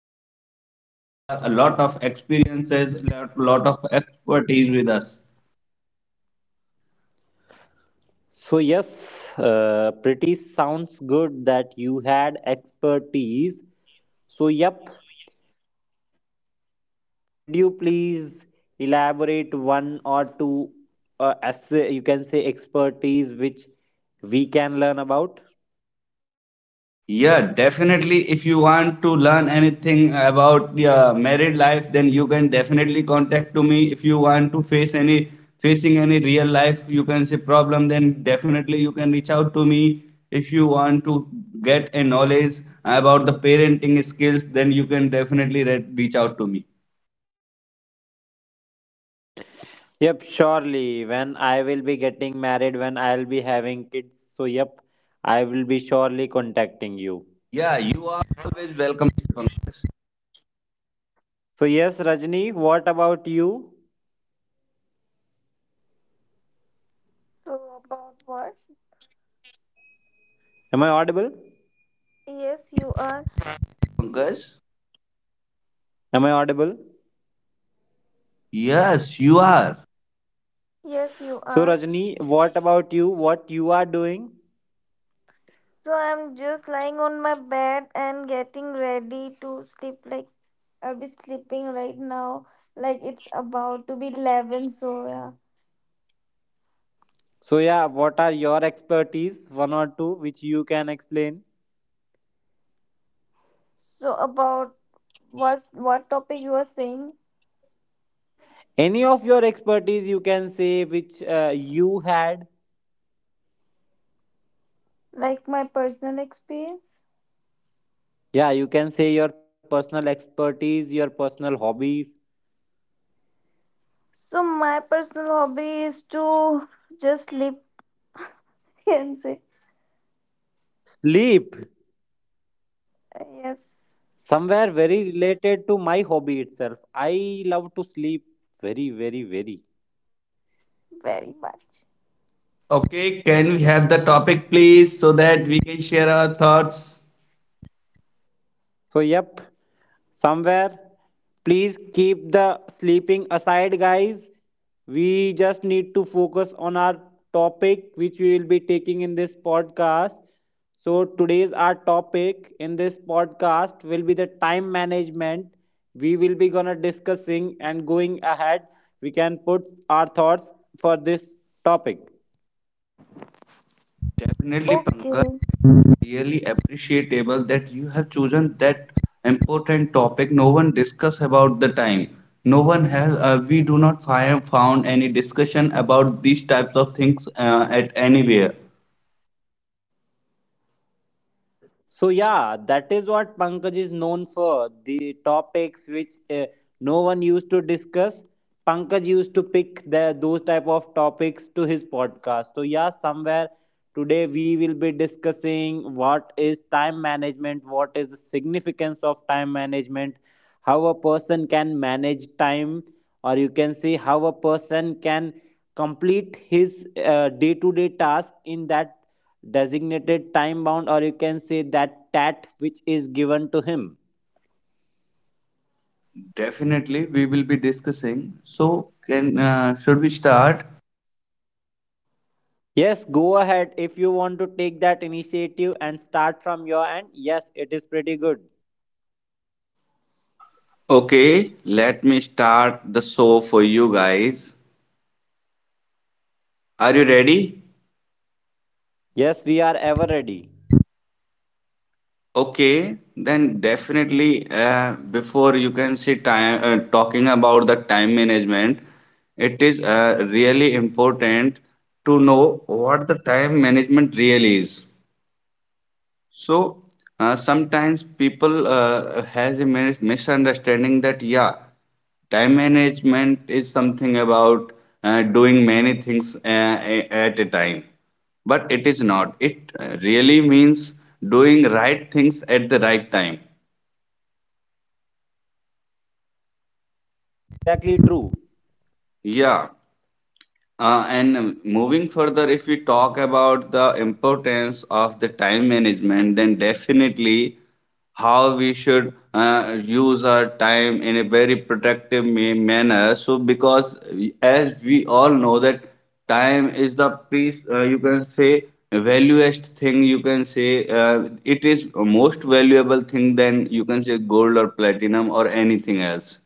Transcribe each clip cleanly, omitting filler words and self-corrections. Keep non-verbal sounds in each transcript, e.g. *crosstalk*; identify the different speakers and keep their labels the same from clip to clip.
Speaker 1: listeners. We have a lot of experiences, a lot of expertise with us.
Speaker 2: So yes, pretty sounds good that you had expertise. So yep, could you please elaborate one or two as you can say expertise which we can learn about?
Speaker 1: Yeah, definitely. If you want to learn anything about your married life, then you can definitely contact to me. If you want to face any real life, you can say problem, then definitely you can reach out to me. If you want to get a knowledge about the parenting skills, then you can definitely reach out to me.
Speaker 2: Yep, surely. When I will be getting married, when I'll be having kids, so yep, I will be surely contacting you.
Speaker 1: Yeah, you are always welcome, Pankaj.
Speaker 2: So yes, Rajni, what about you?
Speaker 3: So about what?
Speaker 2: Am I audible?
Speaker 3: Yes, you are.
Speaker 1: Pankaj?
Speaker 2: Am I audible?
Speaker 1: Yes, you are.
Speaker 3: Yes, you
Speaker 2: So
Speaker 3: are.
Speaker 2: Rajni, what about you? What you are doing?
Speaker 3: So I'm just lying on my bed and getting ready to sleep. I'll be sleeping right now. Like it's about to be 11. So yeah.
Speaker 2: So yeah, what are your expertise? One or two which you can explain.
Speaker 3: So about what what topic you are saying?
Speaker 2: Any of your expertise you can say which you had.
Speaker 3: Like my personal experience.
Speaker 2: Yeah, you can say your personal expertise, your personal hobbies.
Speaker 3: So my personal hobby is to just sleep *laughs* and say
Speaker 2: Sleep.
Speaker 3: yes
Speaker 2: Somewhere very related to my hobby itself. I love to sleep very, very, very.
Speaker 3: very much.
Speaker 1: Okay, can we have the topic please so that we can share our thoughts?
Speaker 2: So, yep, somewhere. Please keep the sleeping aside, guys. We just need to focus on our topic, which we will be taking in this podcast. So, today's our topic in this podcast will be the time management. We will be gonna discussing and going ahead. We can put our thoughts for this topic.
Speaker 1: Definitely, Pankaj.
Speaker 3: Okay.
Speaker 1: Really appreciable that you have chosen that important topic. No one discuss about the time. No one has. We do not find found any discussion about these types of things at anywhere.
Speaker 2: So yeah, that is what Pankaj is known for. The topics which no one used to discuss, Pankaj used to pick the, those type of topics to his podcast. So yeah, somewhere today we will be discussing what is time management, what is the significance of time management, how a person can manage time, or you can see how a person can complete his day to day task in that designated time bound or you can say that tat which is given to him.
Speaker 1: Definitely, we will be discussing. So, can should we start?
Speaker 2: Yes, go ahead if you want to take that initiative and start from your end. Yes, it is pretty good.
Speaker 1: Okay, let me start the show for you guys. Are you ready?
Speaker 2: Yes, we are ever ready.
Speaker 1: Okay, then definitely before you can see time talking about the time management, it is really important to know what the time management really is. So sometimes people has a misunderstanding that yeah, time management is something about doing many things at a time, but it is not. It really means doing right things at the right time.
Speaker 2: Yeah, exactly true.
Speaker 1: Yeah, and moving further, if we talk about the importance of the time management, then definitely how we should use our time in a very productive manner. So, because as we all know that time is the you can say valuest thing. You can say it is most valuable thing than you can say gold or platinum or anything else.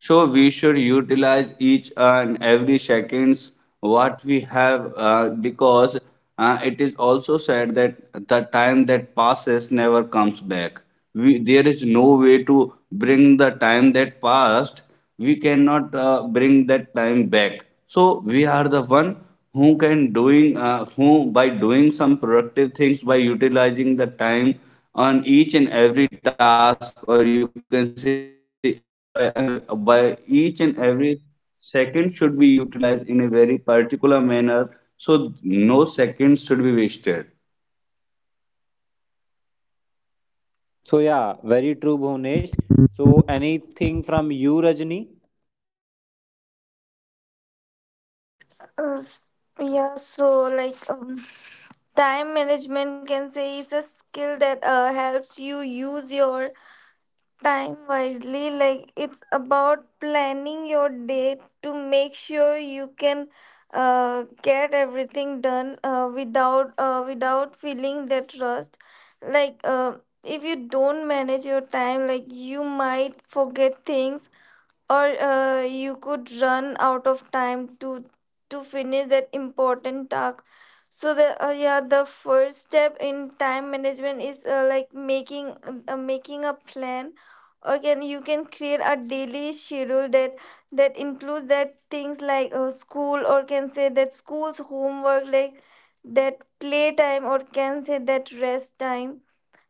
Speaker 1: So we should utilize each and every seconds what we have because it is also said that the time that passes never comes back. There is no way to bring the time that passed, we cannot bring that time back, so we are the one who can doing who by doing some productive things, by utilizing the time on each and every task, or you can say by each and every second should be utilized in a very particular manner, so no seconds should be wasted.
Speaker 2: So yeah, very true, Bhunesh. So anything from you, Rajni?
Speaker 3: Uh, s- yeah, so time management can say is a skill that helps you use your time wisely. Like it's about planning your day to make sure you can get everything done without without feeling that rust. Like if you don't manage your time, like you might forget things or you could run out of time to finish that important task. So the yeah, the first step in time management is like making a plan, or can you can create a daily schedule that includes that things like school, or can say that school's homework, like that playtime, or can say that rest time.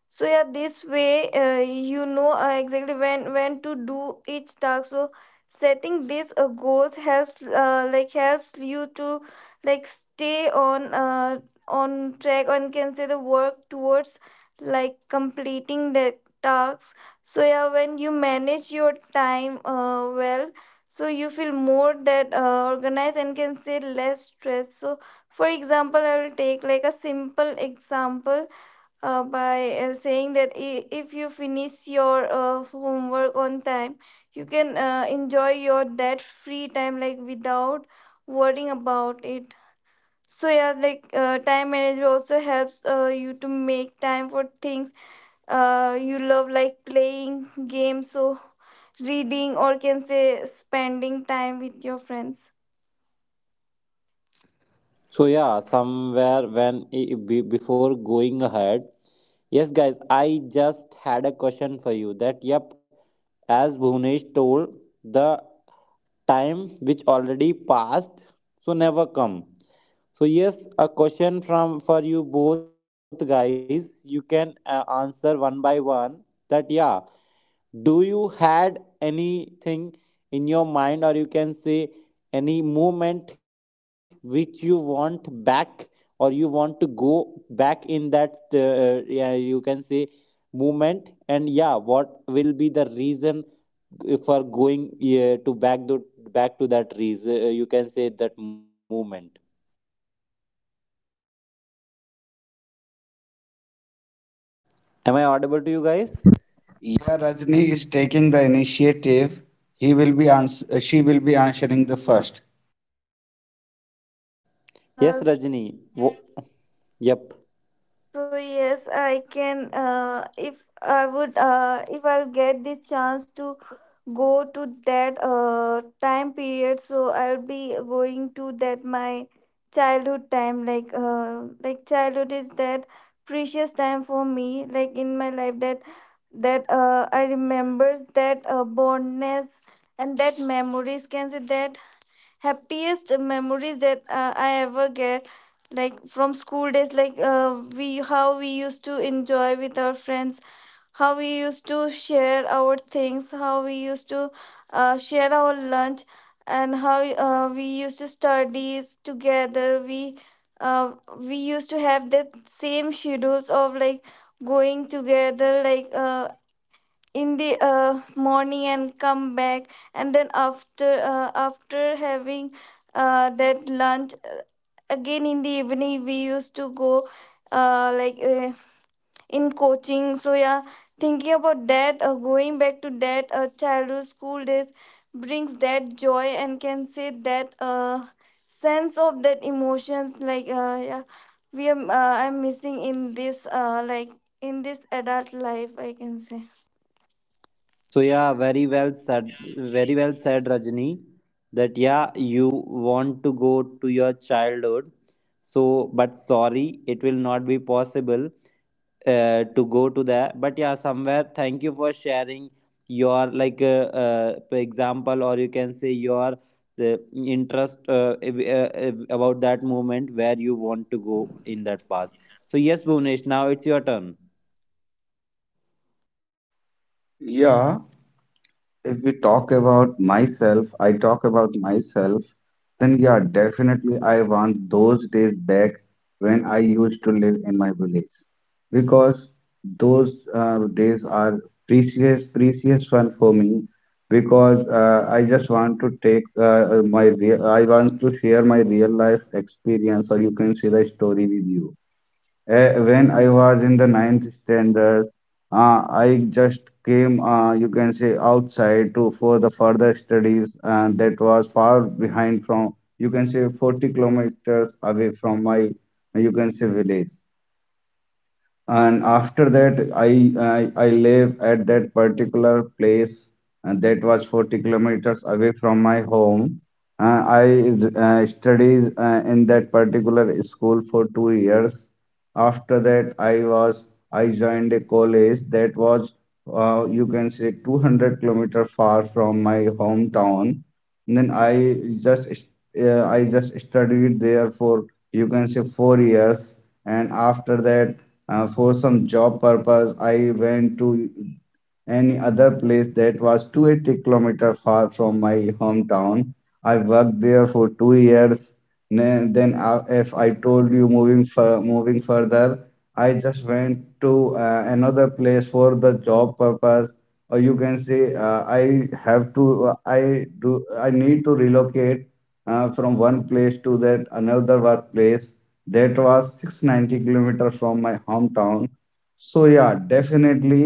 Speaker 3: So yeah, this way you know exactly when to do each task. So setting these goals helps like helps you to like stay on on track and can say the work towards like completing the tasks. So yeah, when you manage your time well, so you feel more that organized and can say less stress. So for example, I will take like a simple example by saying that if you finish your homework on time, you can enjoy your that free time like without worrying about it. So yeah, like time management also helps you to make time for things you love, like playing games, so reading, or can say spending time with your friends.
Speaker 2: So yeah, somewhere before going ahead, yes guys, I just had a question for you that yep, as Bhunesh told, the time which already passed so never come. So yes, a question from for you both guys, you can answer one by one that yeah, do you had anything in your mind or you can say any moment which you want back or you want to go back in that yeah you can say movement, and yeah what will be the reason for going to back the back to that reason, you can say that movement. Am I audible to you guys?
Speaker 1: Yeah, Rajni is taking the initiative. He will be ans- she will be answering the first.
Speaker 2: Yes,
Speaker 3: Uh,
Speaker 2: Rajni. Wo- yep.
Speaker 3: So yes, I can. If I would, if I'll get this chance to go to that time period, so I'll be going to that my childhood time. Like childhood is that precious time for me. Like in my life, that I remembers that bondness and that memories. Can say that happiest memories that I ever get, like from school days, like we how we used to enjoy with our friends, how we used to share our things, how we used to share our lunch, and how we used to studies together. Uh, we used to have that same schedules of like going together like in the morning and come back, and then after after having that lunch, again in the evening we used to go uh, like uh, in coaching. So yeah, thinking about that going back to that childhood school days brings that joy and can say that sense of that emotions, like yeah, we am I'm missing in this like in this adult life, I can say.
Speaker 2: So yeah, very well said. Very well said, Rajni. That yeah, you want to go to your childhood. So, but sorry, it will not be possible to go to that. But yeah, somewhere. Thank you for sharing your like for example, or you can say your the interest about that moment where you want to go in that past. So yes, Bhuvnesh, now it's your turn.
Speaker 1: Yeah, If we talk about myself, I talk about myself, then yeah, definitely I want those days back when I used to live in my village. Because those days are precious one for me. Because I just want to take my real, I want to share my real life experience, or you can see the story with you. When I was in the ninth standard, I just came, you can say, outside to for the further studies, and that was far behind from, you can say, 40 kilometers away from my, you can say, village. And after that I live at that particular place, and that was 40 kilometers away from my home. I studied in that particular school for 2 years. After that I was I joined a college that was, you can say, 200-kilometer far from my hometown. And then I just studied there for, you can say, 4 years, and after that, for some job purpose, I went to any other place that was 280-kilometer far from my hometown. I worked there for 2 years. Then, if I told you moving further, I just went to another place for the job purpose, or you can say I have to, I do, I need to relocate from one place to that another workplace. That was 690 kilometers from my hometown. So yeah, definitely.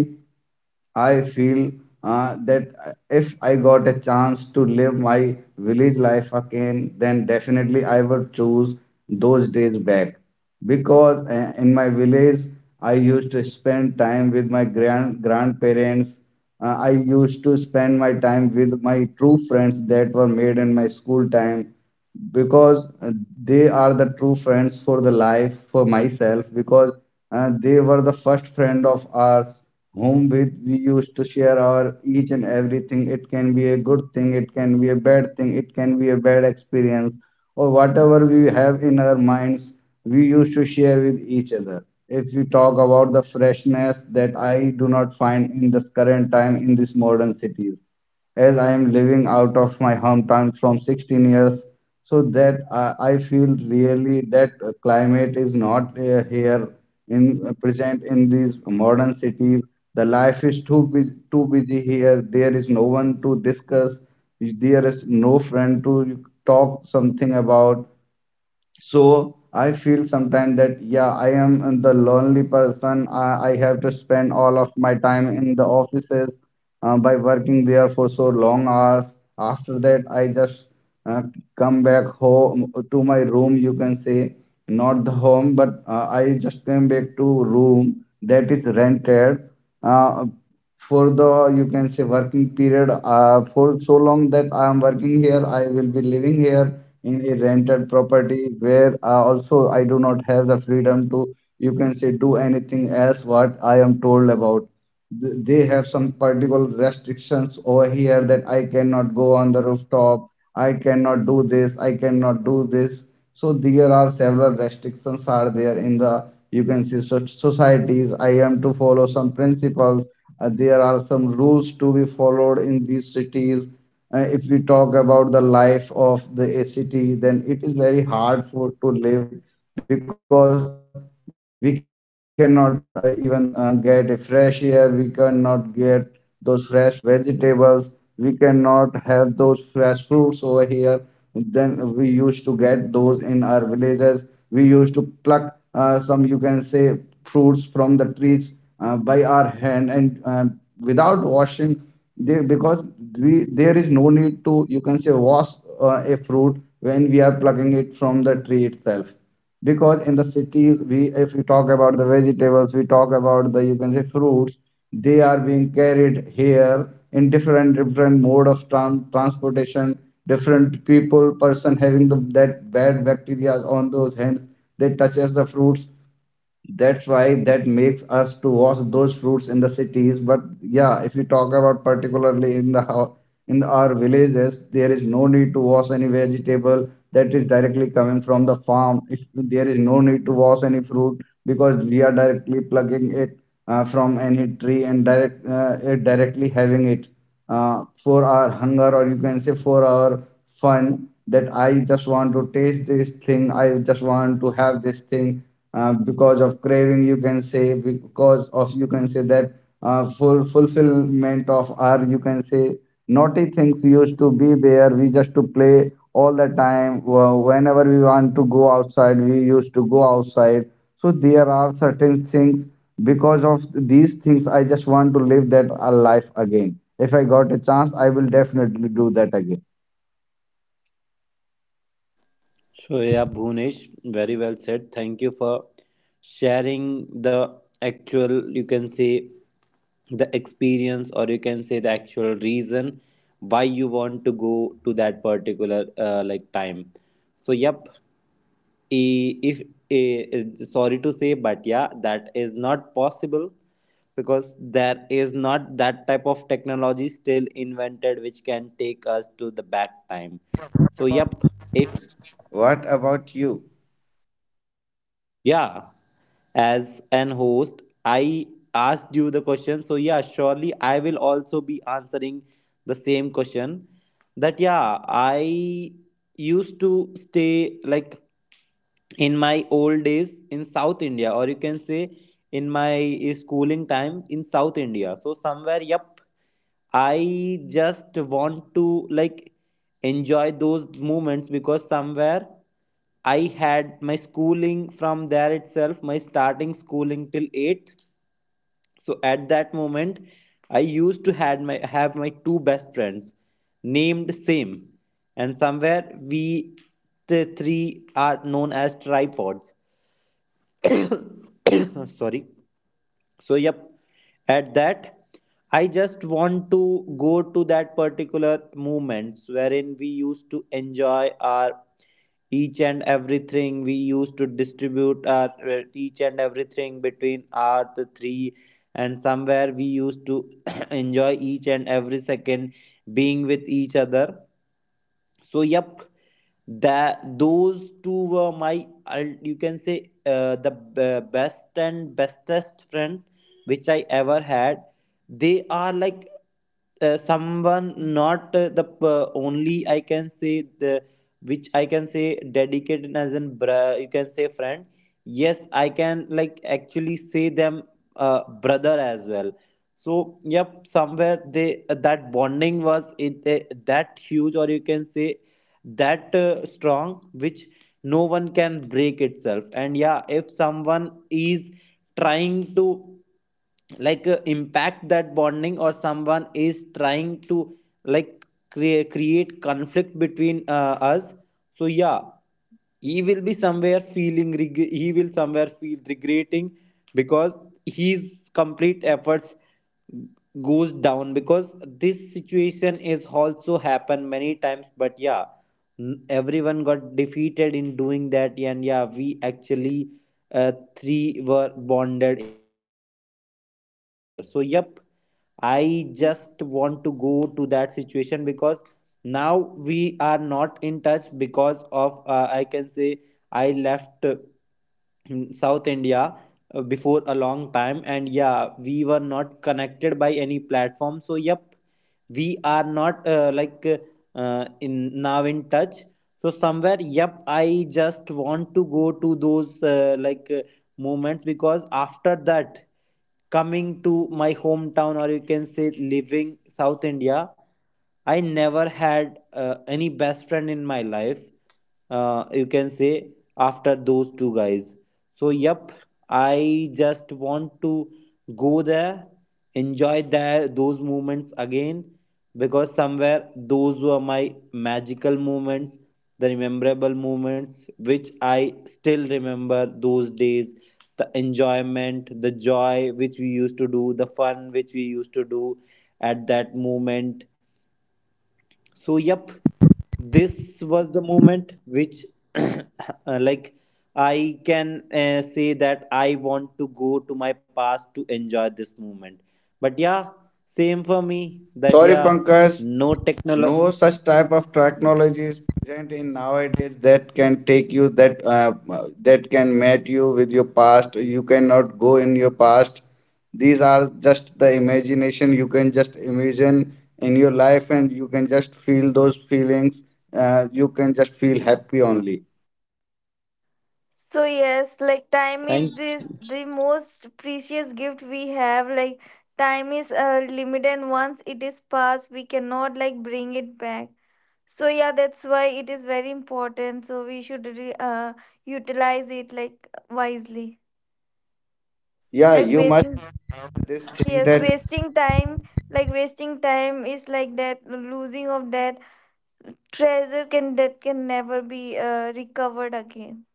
Speaker 1: I feel that if I got a chance to live my village life again, then definitely I would choose those days back. Because in my village, I used to spend time with my grandparents. I used to spend my time with my true friends that were made in my school time, because they are the true friends for the life for myself, because they were the first friend of ours whom with we used to share our each and everything. It can be a good thing, it can be a bad thing, it can be a bad experience, or whatever we have in our minds, we used to share with each other. If we talk about the freshness that I do not find in this current time in these modern cities, as I am living out of my hometown from 16 years, so that I feel really that climate is not here in present in these modern cities. The life is too too busy here. There is no one to discuss. There is no friend to talk something about. So I feel sometimes that yeah, I am the lonely person. I have to spend all of my time in the offices by working there for so long hours. After that, I just uh, come back home to my room. You can say not the home, but I just came back to room that is rented. Uh, for the, you can say, working period, for so long that I am working here, I will be living here in a rented property, where also I do not have the freedom to, you can say, do anything else what I am told about. They have some particular restrictions over here, that I cannot go on the rooftop, I cannot do this, I cannot do this. So there are several restrictions are there in the, you can see, so societies. I am to follow some principles, there are some rules to be followed in these cities. If we talk about the life of the a city, then it is very hard for to live, because we cannot even get a fresh air. We cannot get those fresh vegetables. We cannot have those fresh fruits over here. Then we used to get those in our villages. We used to pluck some, you can say, fruits from the trees by our hand and without washing they, because we there is no need to, you can say, wash a fruit when we are plucking it from the tree itself. Because in the cities, we if we talk about the vegetables, we talk about the, you can say, fruits, they are being carried here in different different mode of transportation. Different people person having the, that bad bacteria on those hands, they touches the fruits. That's why that makes us to wash those fruits in the cities. But yeah, if you talk about particularly in the in our villages, there is no need to wash any vegetable that is directly coming from the farm. If there is no need to wash any fruit, because we are directly plucking it from any tree and direct it directly having it for our hunger, or you can say for our fun, that I just want to taste this thing, I just want to have this thing because of craving, you can say, because of, you can say, that full fulfillment of our, you can say, naughty things used to be there. We just to play all the time. Whenever we want to go outside, we used to go outside. So there are certain things, because of these things, I just want to live that life again. If I got a chance, I will definitely do that again.
Speaker 2: So, yeah, Bhunesh, very well said. Thank you for sharing the actual, you can say, the experience, or you can say the actual reason why you want to go to that particular like time. So, yep, I- if I- sorry to say, but yeah, that is not possible because there is not that type of technology still invented which can take us to the back time. So, yep, if.
Speaker 1: What about you?
Speaker 2: Yeah, as an host, I asked you the question. So, yeah, surely I will also be answering the same question. That, yeah, I used to stay like in my old days in South India, or you can say in my schooling time in South India. So, somewhere, yep, I just want to like enjoy those moments because somewhere I had my schooling from there itself, my starting schooling till 8th. So at that moment, I used to had my have my two best friends named same, and somewhere we the three are known as tripods. *coughs* Sorry. So, yep, at that, I just want to go to that particular moments wherein we used to enjoy our each and everything. We used to distribute our each and everything between our the three, and somewhere we used to *clears throat* enjoy each and every second being with each other. So yep, that those two were my you can say best and bestest friend which I ever had. They are like someone, not the p- only I can say the, which I can say dedicated as you can say friend. Yes, I can like actually say them uh, brother as well. So yep, somewhere they that bonding was that huge or you can say that strong which no one can break itself. And yeah, if someone is trying to like impact that bonding or someone is trying to like create conflict between us, so yeah he will be somewhere he will somewhere feel regretting because his complete efforts goes down because this situation is also happened many times. But yeah, everyone got defeated in doing that, and yeah we actually three were bonded in that such a manner. So yep, I just
Speaker 3: Hmm.
Speaker 2: want to go to that situation because now we are not in touch because of I can say I left in South India before a long time, and yeah, we were not connected by any platform. So, yep, we are not like in now in touch. So somewhere, yep, I just want to go to those moments because after that coming to my hometown or you can say living South India, I never had any best friend in my life, you can say after those two guys. So yep, I just want to go there, enjoy that those moments again because somewhere those were my magical moments, the rememberable moments which I still remember those days, the enjoyment, the joy which we used to do, the fun which we used to do at that moment. So yep, this was the moment which *coughs* *clears throat* like I can say that I want to go to my past to enjoy this moment. But yeah, same for me that
Speaker 1: Sorry,
Speaker 2: yeah,
Speaker 1: Pankaj,
Speaker 2: no technology.
Speaker 1: no such type of technology is present in nowadays that can take you that that can mate you with your past. You cannot go in your past. These are just the imagination, you can just imagine in your life, and you can just feel those feelings. You can just feel happy only.
Speaker 3: So yes, like time is
Speaker 2: Thank.
Speaker 3: this the most precious gift we have. Like time is limited and once it is passed, we cannot like bring it back. So yeah, that's why it is very important. So we should utilize it like wisely.
Speaker 1: Yeah,
Speaker 3: Like
Speaker 1: you must.
Speaker 3: wasting
Speaker 2: So yep,
Speaker 1: This thing
Speaker 3: Yes,
Speaker 1: that,
Speaker 3: wasting time, like wasting time is like that losing of that treasure can that can never be recovered again.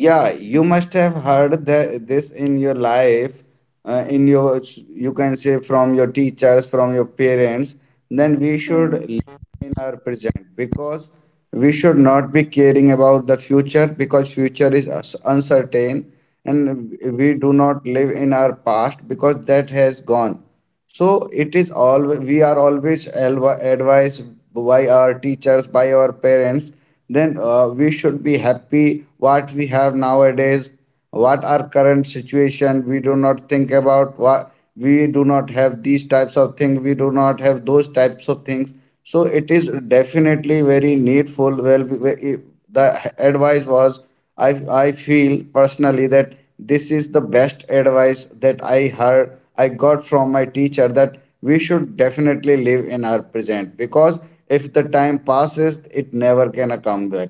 Speaker 1: yeah, you must have heard this in your life, in your, you can say, from your teachers, from your parents. Then we should
Speaker 3: Hmm.
Speaker 1: in our present, because we should not be caring about the future because future is uncertain, and we do not live in our past because that has gone. So it is all, we are advised by our teachers, by our parents. Then we should be happy what we have nowadays, what our current situation. We do not think about what we do not have these types of things, we do not have those types of things. So it is definitely very needful. Well, the advice was, I I feel personally that this is the best advice that I heard, I got from my teacher, that we should definitely live in our present because if the time passes, it never can come back.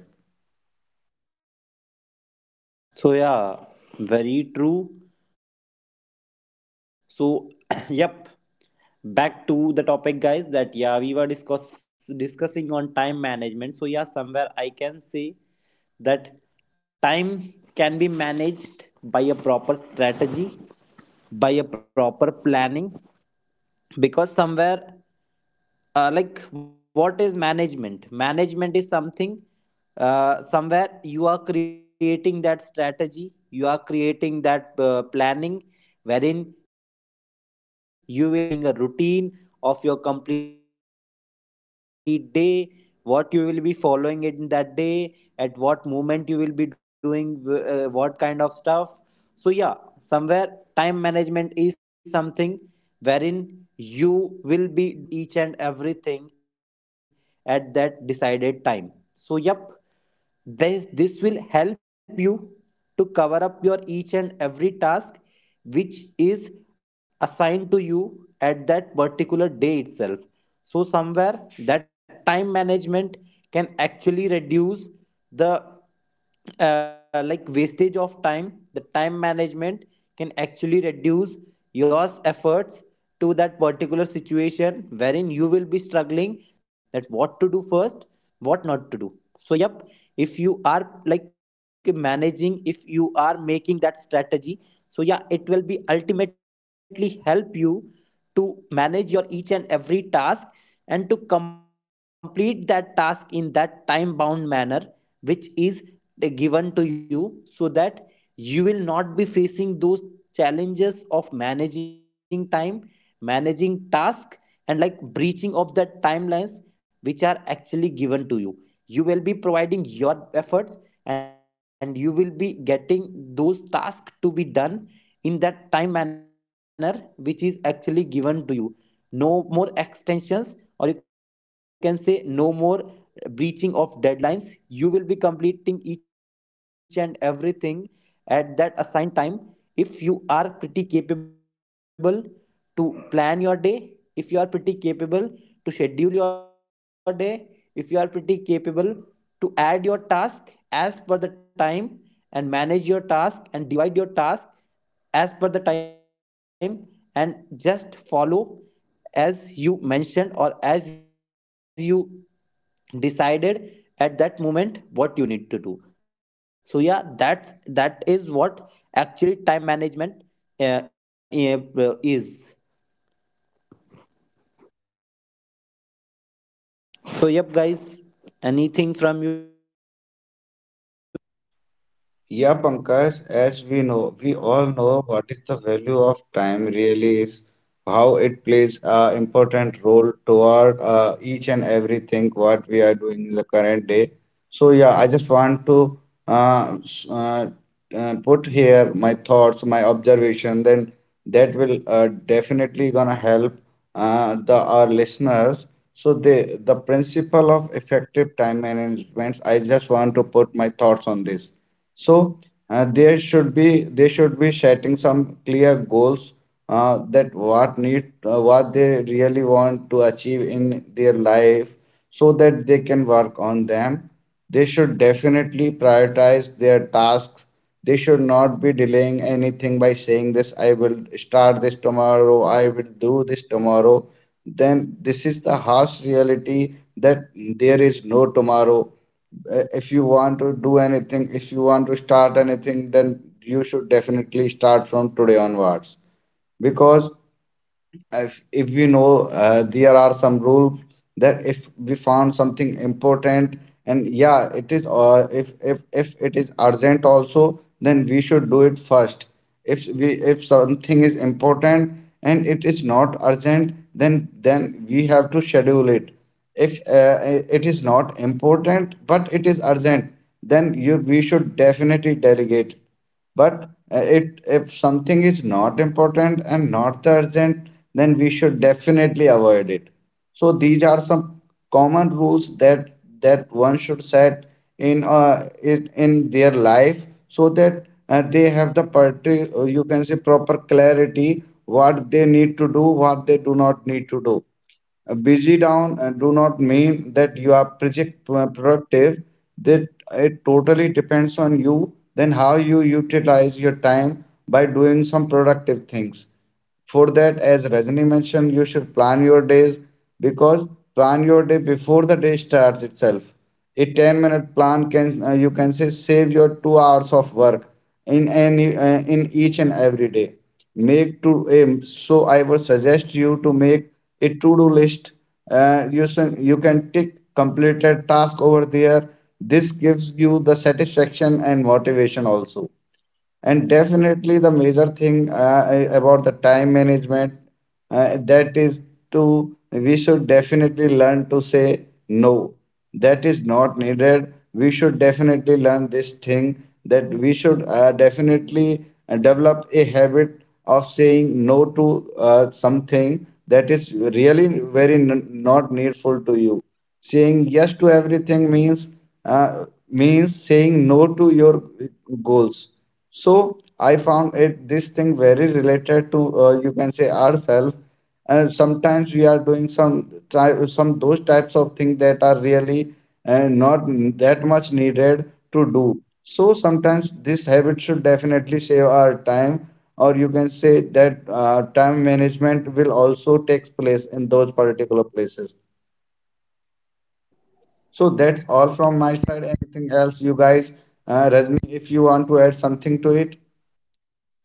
Speaker 2: so yeah, very true. So *coughs* *clears throat* yep, back to the topic guys that yeah we were discussing on time management. So yeah somewhere I can say that time can be managed by a proper strategy, by a proper planning because somewhere like what is management is something, somewhere you are creating that strategy, you are creating that planning wherein you will be making a scheduling, you will be making a routine of your complete day, what you will be following in that day, at what moment you will be doing what kind of stuff. So yeah somewhere time management is something wherein you will be doing each and everything at that decided time. So, yep, this will help you to cover up your each and every task which is assigned to you at that particular day itself. So, somewhere that time management can actually reduce the like wastage of time. The time management can actually reduce your efforts to that particular situation wherein you will be struggling that what to do first, what not to do. So yep, if you are like managing, if you are making that strategy, so yeah it will be ultimately help you to manage your each and every task and to complete that task in that time bound manner which is given to you, so that you will not be facing those challenges of managing time, managing task, and like breaching of the timelines which are actually given to you. You will be providing your efforts and you will be getting those tasks to be done in that time manner which is actually given to you. No more extensions, or you can say no more breaching of deadlines. You will be completing each and everything at that assigned time if you are pretty capable to plan your day, if you are pretty capable to schedule your day, if you are pretty capable to add your task as per the time and manage your task and divide your task as per the time, and just follow as you mentioned or as you decided at that moment what you need to do. So yeah, that is what actually time management uh, is. So yep guys, anything from you?
Speaker 1: Yeah, Pankaj, as we know, we all know what is the value of time really is, how it plays a important role toward each and everything what we are doing in the current day. So yeah, I just want to uh, s- uh, put here my thoughts, my observation, then that will definitely gonna help the our listeners. So the principle of effective time management, I just want to put my thoughts on this. So there should be, they should be setting some clear goals, that what need, what they really want to achieve in their life so that they can work on them. They should definitely prioritize their tasks. They should not be delaying anything by saying this, I will start this tomorrow, I will do this tomorrow. Then this is the harsh reality that there is no tomorrow. If you want to do anything, if you want to start anything, then you should definitely start from today onwards. Because if we know, there are some rules that if we found something important, and yeah it is, if it is urgent also, then we should do it first. If we, if something is important and it is not urgent, then we have to schedule it. If it is not important but it is urgent, then you we should definitely delegate. But it if something is not important and not urgent, then we should definitely avoid it. So these are some common rules that one should set in it in their life, so that they have the party, you can say, proper clarity, what they need to do, what they do not need to do. Busy down do not mean that you are project productive. That it totally depends on you, then how you utilize your time by doing some productive things. For that, as Rajni mentioned, you should plan your days, because plan your day before the day starts itself. A 10-minute plan can, you can say, save your 2 hours of work in any, in each and every day. Make to aim. So I would suggest you to make a to-do list. You can tick completed task over there. This gives you the satisfaction and motivation also. And definitely the major thing, about the time management, that is to, we should definitely learn to say no. That is not needed. We should definitely learn this thing that we should definitely develop a habit of saying no to something that is really very not needful to you. Saying yes to everything means means saying no to your goals. So I found it this thing very related to, you can say, ourselves. Sometimes we are doing some some those types of things that are really not that much needed to do. So sometimes this habit should definitely save our time, or you can say that time management will also take place in those particular places. So that's all from my side. Anything else, you guys? Rajni, if you want to add something to it,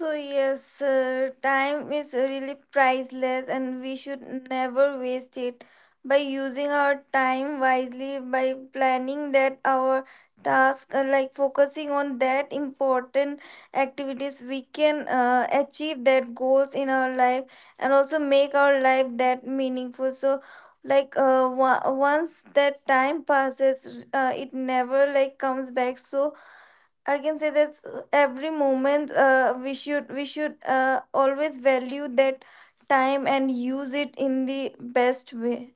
Speaker 3: So yes, time is really priceless and we should never waste it. By using our time wisely, by planning that our task, like focusing on that important activities, we can achieve that goals in our life and also make our life that meaningful. So, like once that time passes, it never like comes back. So, I can say that every moment we should always value that time and use it in the best way.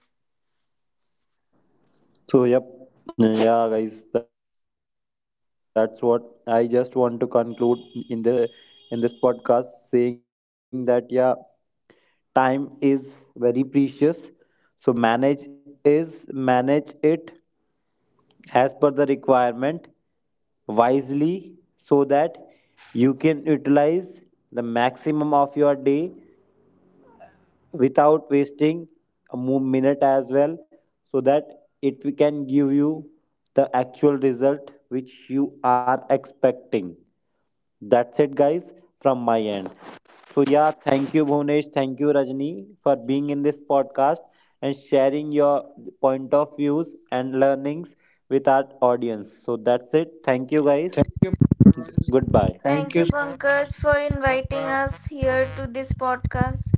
Speaker 2: So, yep, yeah, guys, that's what I just want to conclude in the in this podcast, saying that yeah, time is very precious. So is manage it as per the requirement wisely so that you can utilize the maximum of your day without wasting a minute as well so that it we can give you the actual result which you are expecting. That's it guys, from my end. So yeah, thank you Bhunesh, thank you Rajni for being in this podcast and sharing your point of views and learnings with our audience. So that's it, thank you guys.
Speaker 1: thank you.
Speaker 2: Goodbye.
Speaker 1: Thank
Speaker 3: Thank you,
Speaker 1: you so
Speaker 3: Pankaj, for inviting us here to this podcast.